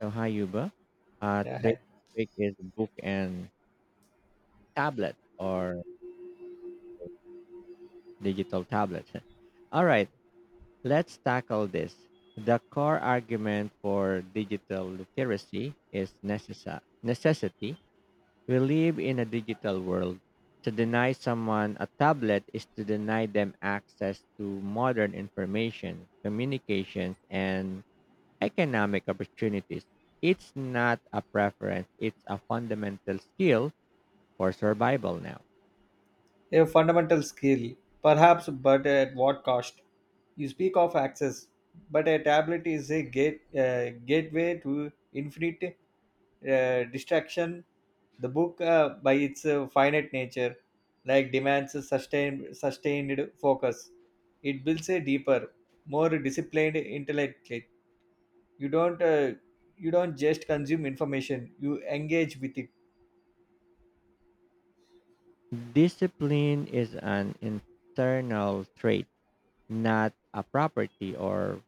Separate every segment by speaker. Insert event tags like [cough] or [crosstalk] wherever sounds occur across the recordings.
Speaker 1: So hi Yuba. Uh,
Speaker 2: Yeah,
Speaker 1: today's
Speaker 2: hi.
Speaker 1: topic is book and tablet or digital tablet. [laughs] All right, let's tackle this. The core argument for digital literacy is necessity. We live in a digital world. To deny someone a tablet is to deny them access to modern information, communications, and economic opportunities. It's not a preference, it's a fundamental skill for survival now.
Speaker 2: A fundamental skill, perhaps, but at what cost? You speak of access, but a tablet is a gateway to infinite distraction. The book, by its finite nature, like demands a sustained focus. It builds a deeper, more disciplined intellect. You don't, uh, you don't just consume information; you engage with it,
Speaker 1: Discipline is an internal trait, not a property or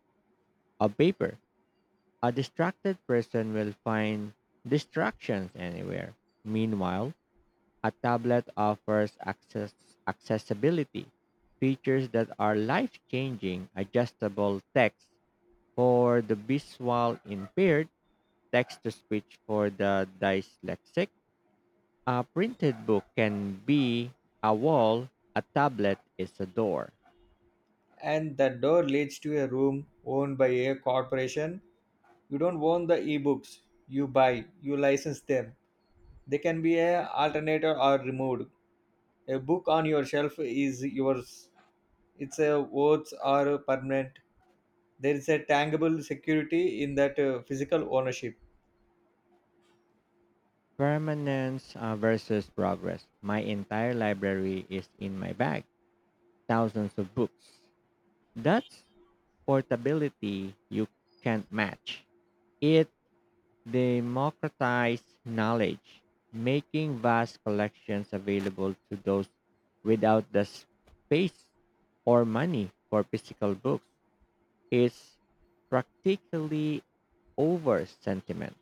Speaker 1: a paper. A distracted person will find distractions anywhere. Meanwhile, a tablet offers access accessibility, features that are life-changing, adjustable text for the visual impaired, text to speech for the dyslexic. A printed book can be a wall, a tablet is a door.
Speaker 2: and the door leads to a room owned by a corporation. You don't own the ebooks. You license them. They can be a alternated or removed. A book on your shelf is yours. It's a worth or permanent. There is a tangible security in that physical ownership.
Speaker 1: Permanence versus progress. My entire library is in my bag, thousands of books. That's portability you can't match. It democratized knowledge, making vast collections available to those without the space or money for physical books. It's practically over sentiment.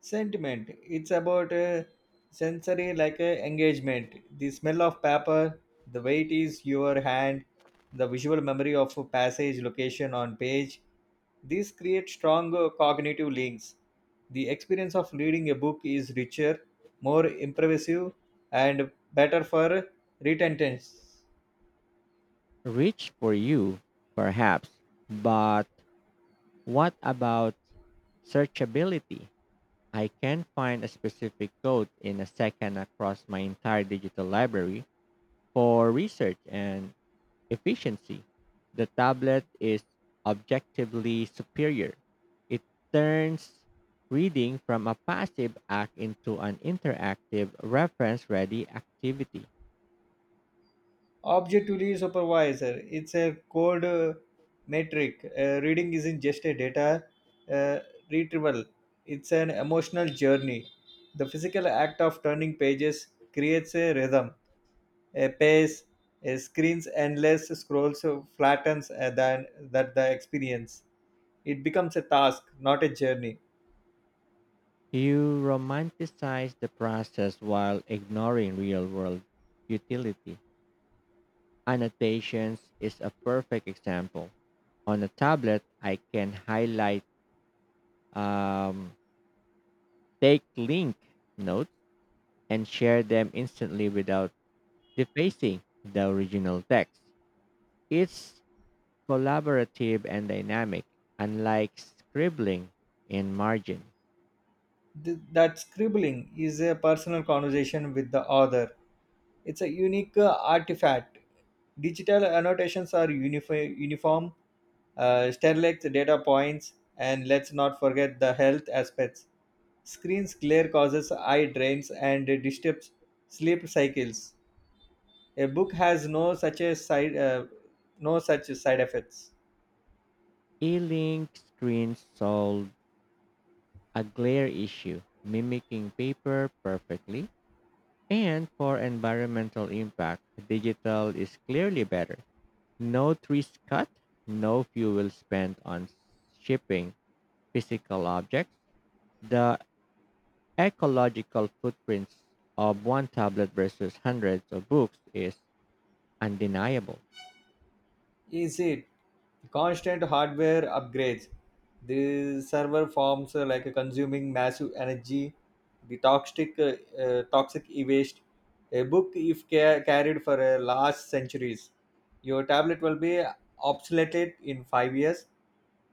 Speaker 2: Sentiment. It's about sensory like engagement. The smell of paper, the weight is your hand, the visual memory of a passage, location on page. These create strong cognitive links. The experience of reading a book is richer, more impressive, and better for retention.
Speaker 1: Rich for you, perhaps, but what about searchability? I can find a specific code in a second across my entire digital library for research and efficiency. The tablet is objectively superior. It turns reading from a passive act into an interactive reference ready activity.
Speaker 2: Objectively supervisor, it's a code metric. Reading isn't just a data uh, retrieval, it's an emotional journey. The physical act of turning pages creates a rhythm, a pace, a screen's endless scrolls flattens than that the experience. It becomes a task, not a journey.
Speaker 1: You romanticize the process while ignoring real world utility. Annotations is a perfect example. On a tablet, I can highlight, um, take link notes, and share them instantly without defacing the original text. It's collaborative and dynamic, unlike scribbling in margin.
Speaker 2: That scribbling is a personal conversation with the author. It's a unique artifact. Digital annotations are uniform, sterlets data points, and let's not forget the health aspects. Screens glare causes eye drains and disturbs sleep cycles. A book has no such side effects.
Speaker 1: E link screens solve a glare issue, mimicking paper perfectly. And for environmental impact, digital is clearly better. No trees cut, no fuel spent on shipping physical objects. The ecological footprints of one tablet versus hundreds of books is undeniable.
Speaker 2: Is it constant hardware upgrades? The server forms, like consuming massive energy, the toxic waste. A book if carried for a large centuries. Your tablet will be obsoleted in 5 years.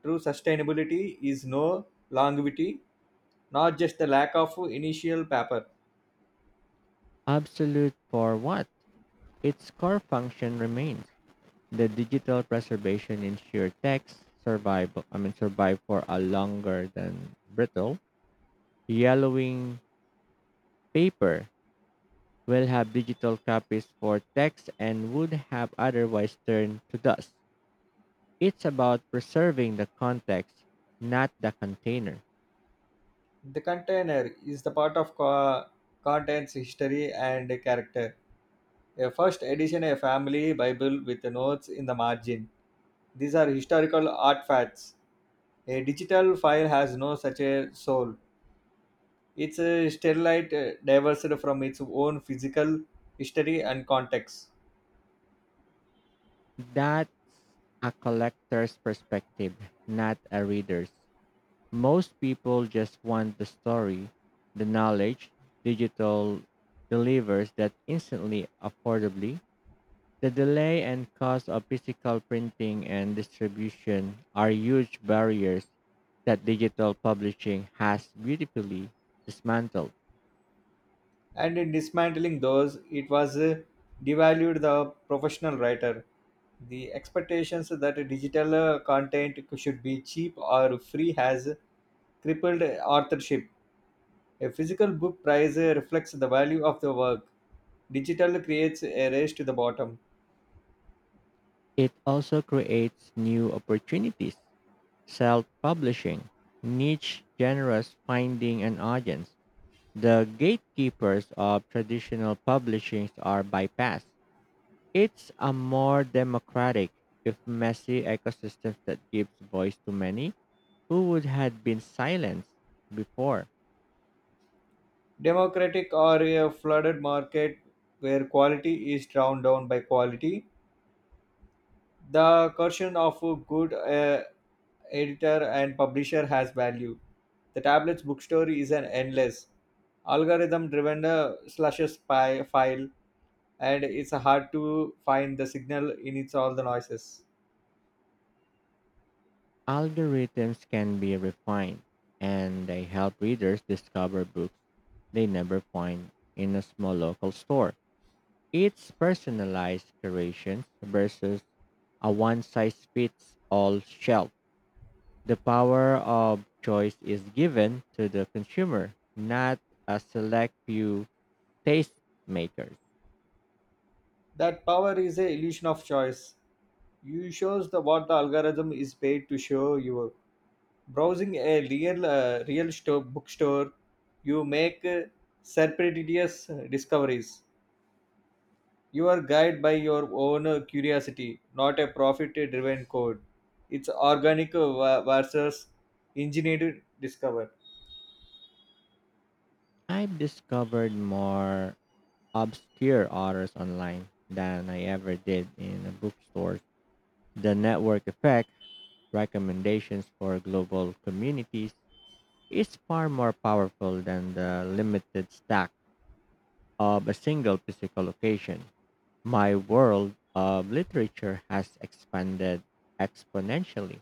Speaker 2: True sustainability is no longevity, not just the lack of initial paper.
Speaker 1: Absolute for what? Its core function remains. The digital preservation ensure text survive survive for a longer than brittle. Yellowing paper will have digital copies for text and would have otherwise turned to dust. It's about preserving the context, not the container.
Speaker 2: The container is the part of contents history and character. A first edition, a family Bible with notes in the margin. These are historical artifacts. A digital file has no such a soul. It's a sterilite divorced from its own physical history and context.
Speaker 1: That a collector's perspective, not a reader's. Most people just want the story, the knowledge digital delivers that instantly, affordably. The delay and cost of physical printing and distribution are huge barriers that digital publishing has beautifully dismantled.
Speaker 2: And in dismantling those, it was devalued the professional writer. The expectations that digital content should be cheap or free has crippled authorship. A physical book price reflects the value of the work. Digital creates a race to the bottom.
Speaker 1: It also creates new opportunities, self publishing, niche genres finding an audience. The gatekeepers of traditional publishing are bypassed. It's a more democratic, if messy, ecosystem that gives voice to many who would have been silenced before.
Speaker 2: Democratic or a flooded market where quality is drowned down by quality. The coercion of a good editor and publisher has value. The tablet's bookstore is an endless algorithm driven slashes spy file, and it's hard to find the signal in its all the noises.
Speaker 1: Algorithms can be refined, and they help readers discover books they never find in a small local store. It's personalized curation versus a one size fits all shelf. The power of choice is given to the consumer, not a select few tastemakers.
Speaker 2: That power is a illusion of choice. You shows the what the algorithm is paid to show you. Browsing a real store, bookstore, you make serendipitous discoveries. You are guided by your own curiosity, not a profit-driven code. It's organic versus engineered discover.
Speaker 1: I've discovered more obscure authors online than I ever did in a bookstore. The network effect, recommendations for global communities, is far more powerful than the limited stack of a single physical location. My world of literature has expanded exponentially.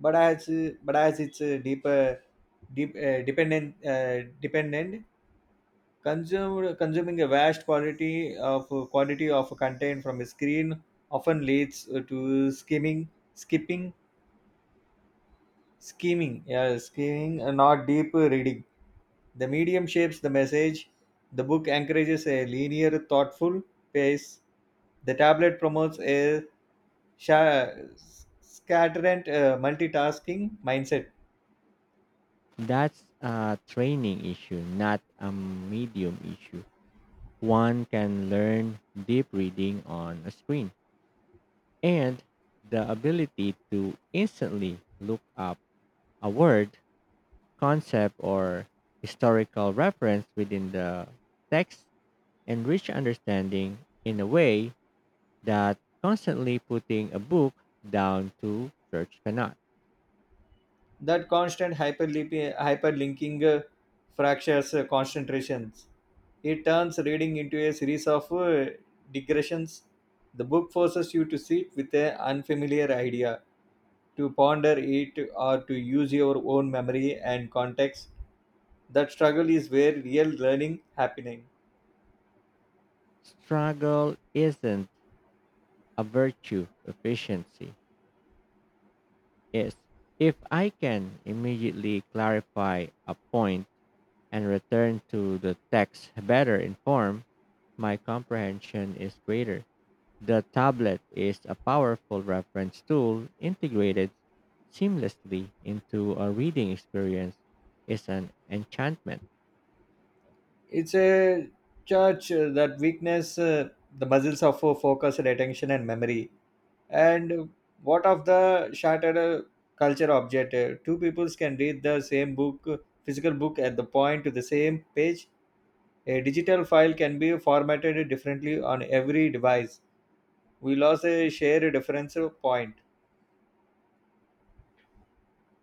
Speaker 2: But as it's deeper deep, dependent dependent consumed consuming a vast quantity of content from a screen often leads to skimming skipping Scheming, yeah, scheming, not deep reading. The medium shapes the message. The book encourages a linear, thoughtful pace. The tablet promotes a sha- scatterant multitasking mindset.
Speaker 1: That's a training issue, not a medium issue. One can learn deep reading on a screen. And the ability to instantly look up a word, concept, or historical reference within the text and reach understanding in a way that constantly putting a book down to search cannot.
Speaker 2: That constant hyperlinking fractures concentrations. It turns reading into a series of digressions. The book forces you to sit with an unfamiliar idea to ponder it or to use your own memory and context. That struggle is where real learning happening.
Speaker 1: Struggle isn't a virtue, efficiency is. If I can immediately clarify a point and return to the text better informed, my comprehension is greater. The tablet is a powerful reference tool integrated seamlessly into a reading experience is an enchantment.
Speaker 2: It's a church that weakness the muscles of focus and attention and memory. And what of the shattered culture object? Two peoples can read the same physical book at the point to the same page. A digital file can be formatted differently on every device. We lost a shared reference point.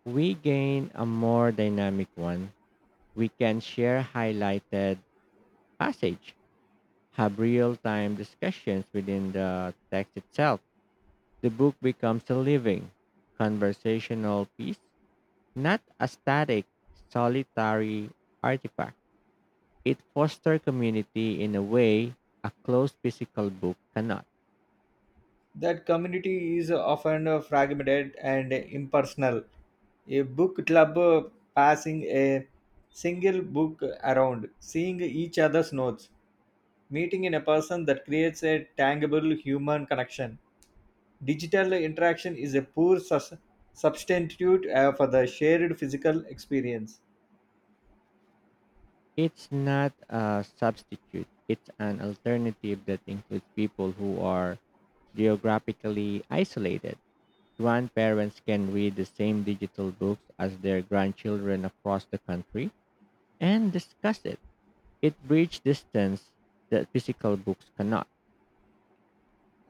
Speaker 1: We gain a more dynamic one. We can share highlighted passage, have real-time discussions within the text itself. The book becomes a living, conversational piece. Not a static, solitary artifact. It fosters community in a way a closed physical book cannot.
Speaker 2: That community is often fragmented and impersonal. A book club passing a single book around, seeing each other's notes, meeting in a person that creates a tangible human connection. Digital interaction is a poor substitute for the shared physical experience.
Speaker 1: It's not a substitute, it's an alternative that includes people who are geographically isolated. Grandparents can read the same digital books as their grandchildren across the country and discuss it. It bridges distance that physical books cannot.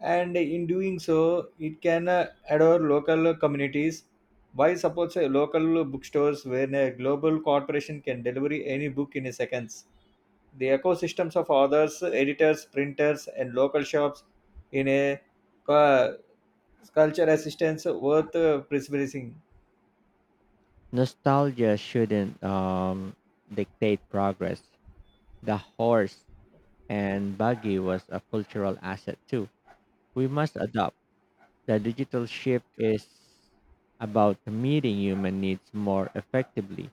Speaker 2: And in doing so, it can adore local communities. Why supports local bookstores where a global corporation can deliver any book in a seconds? The ecosystems of authors, editors, printers, and local shops in a cu- culture assistance worth preserving.
Speaker 1: Nostalgia shouldn't dictate progress. The horse and buggy was a cultural asset too. We must adopt. The digital shift is about meeting human needs more effectively,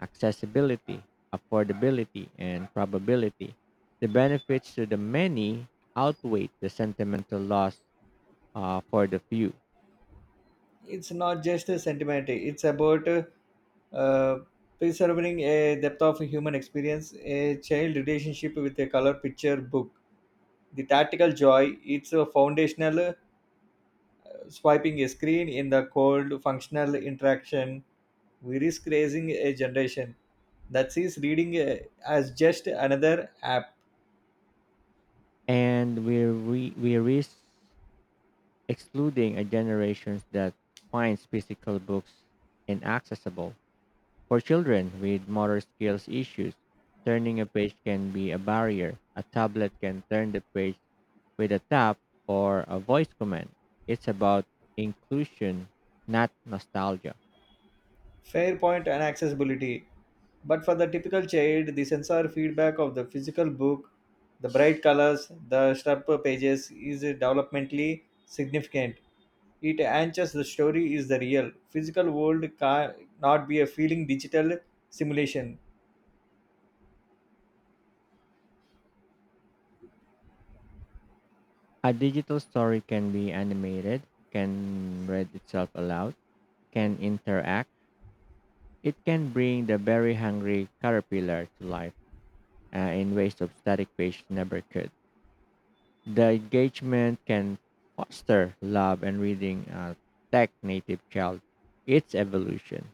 Speaker 1: accessibility, affordability, and probability. The benefits to the many outweigh the sentimental loss for the few.
Speaker 2: It's not just a sentiment, it's about uh, preserving a depth of human experience, a child relationship with a color picture book. The tactile joy, it's a foundational. Swiping a screen in the cold, functional interaction, we risk raising a generation that sees reading as just another app.
Speaker 1: And we risk excluding a generation that finds physical books inaccessible. For children with motor skills issues, turning a page can be a barrier. A tablet can turn the page with a tap or a voice command. It's about inclusion, not nostalgia.
Speaker 2: Fair point and accessibility. But for the typical child, the sensor feedback of the physical book, the bright colors, the sharp pages is developmentally significant. It anchors the story is the real. Physical world can not be a feeling digital simulation.
Speaker 1: A digital story can be animated, can read itself aloud, can interact. It can bring the very hungry caterpillar to life in ways of static page never could. The engagement can foster love and reading a tech native child. It's evolution.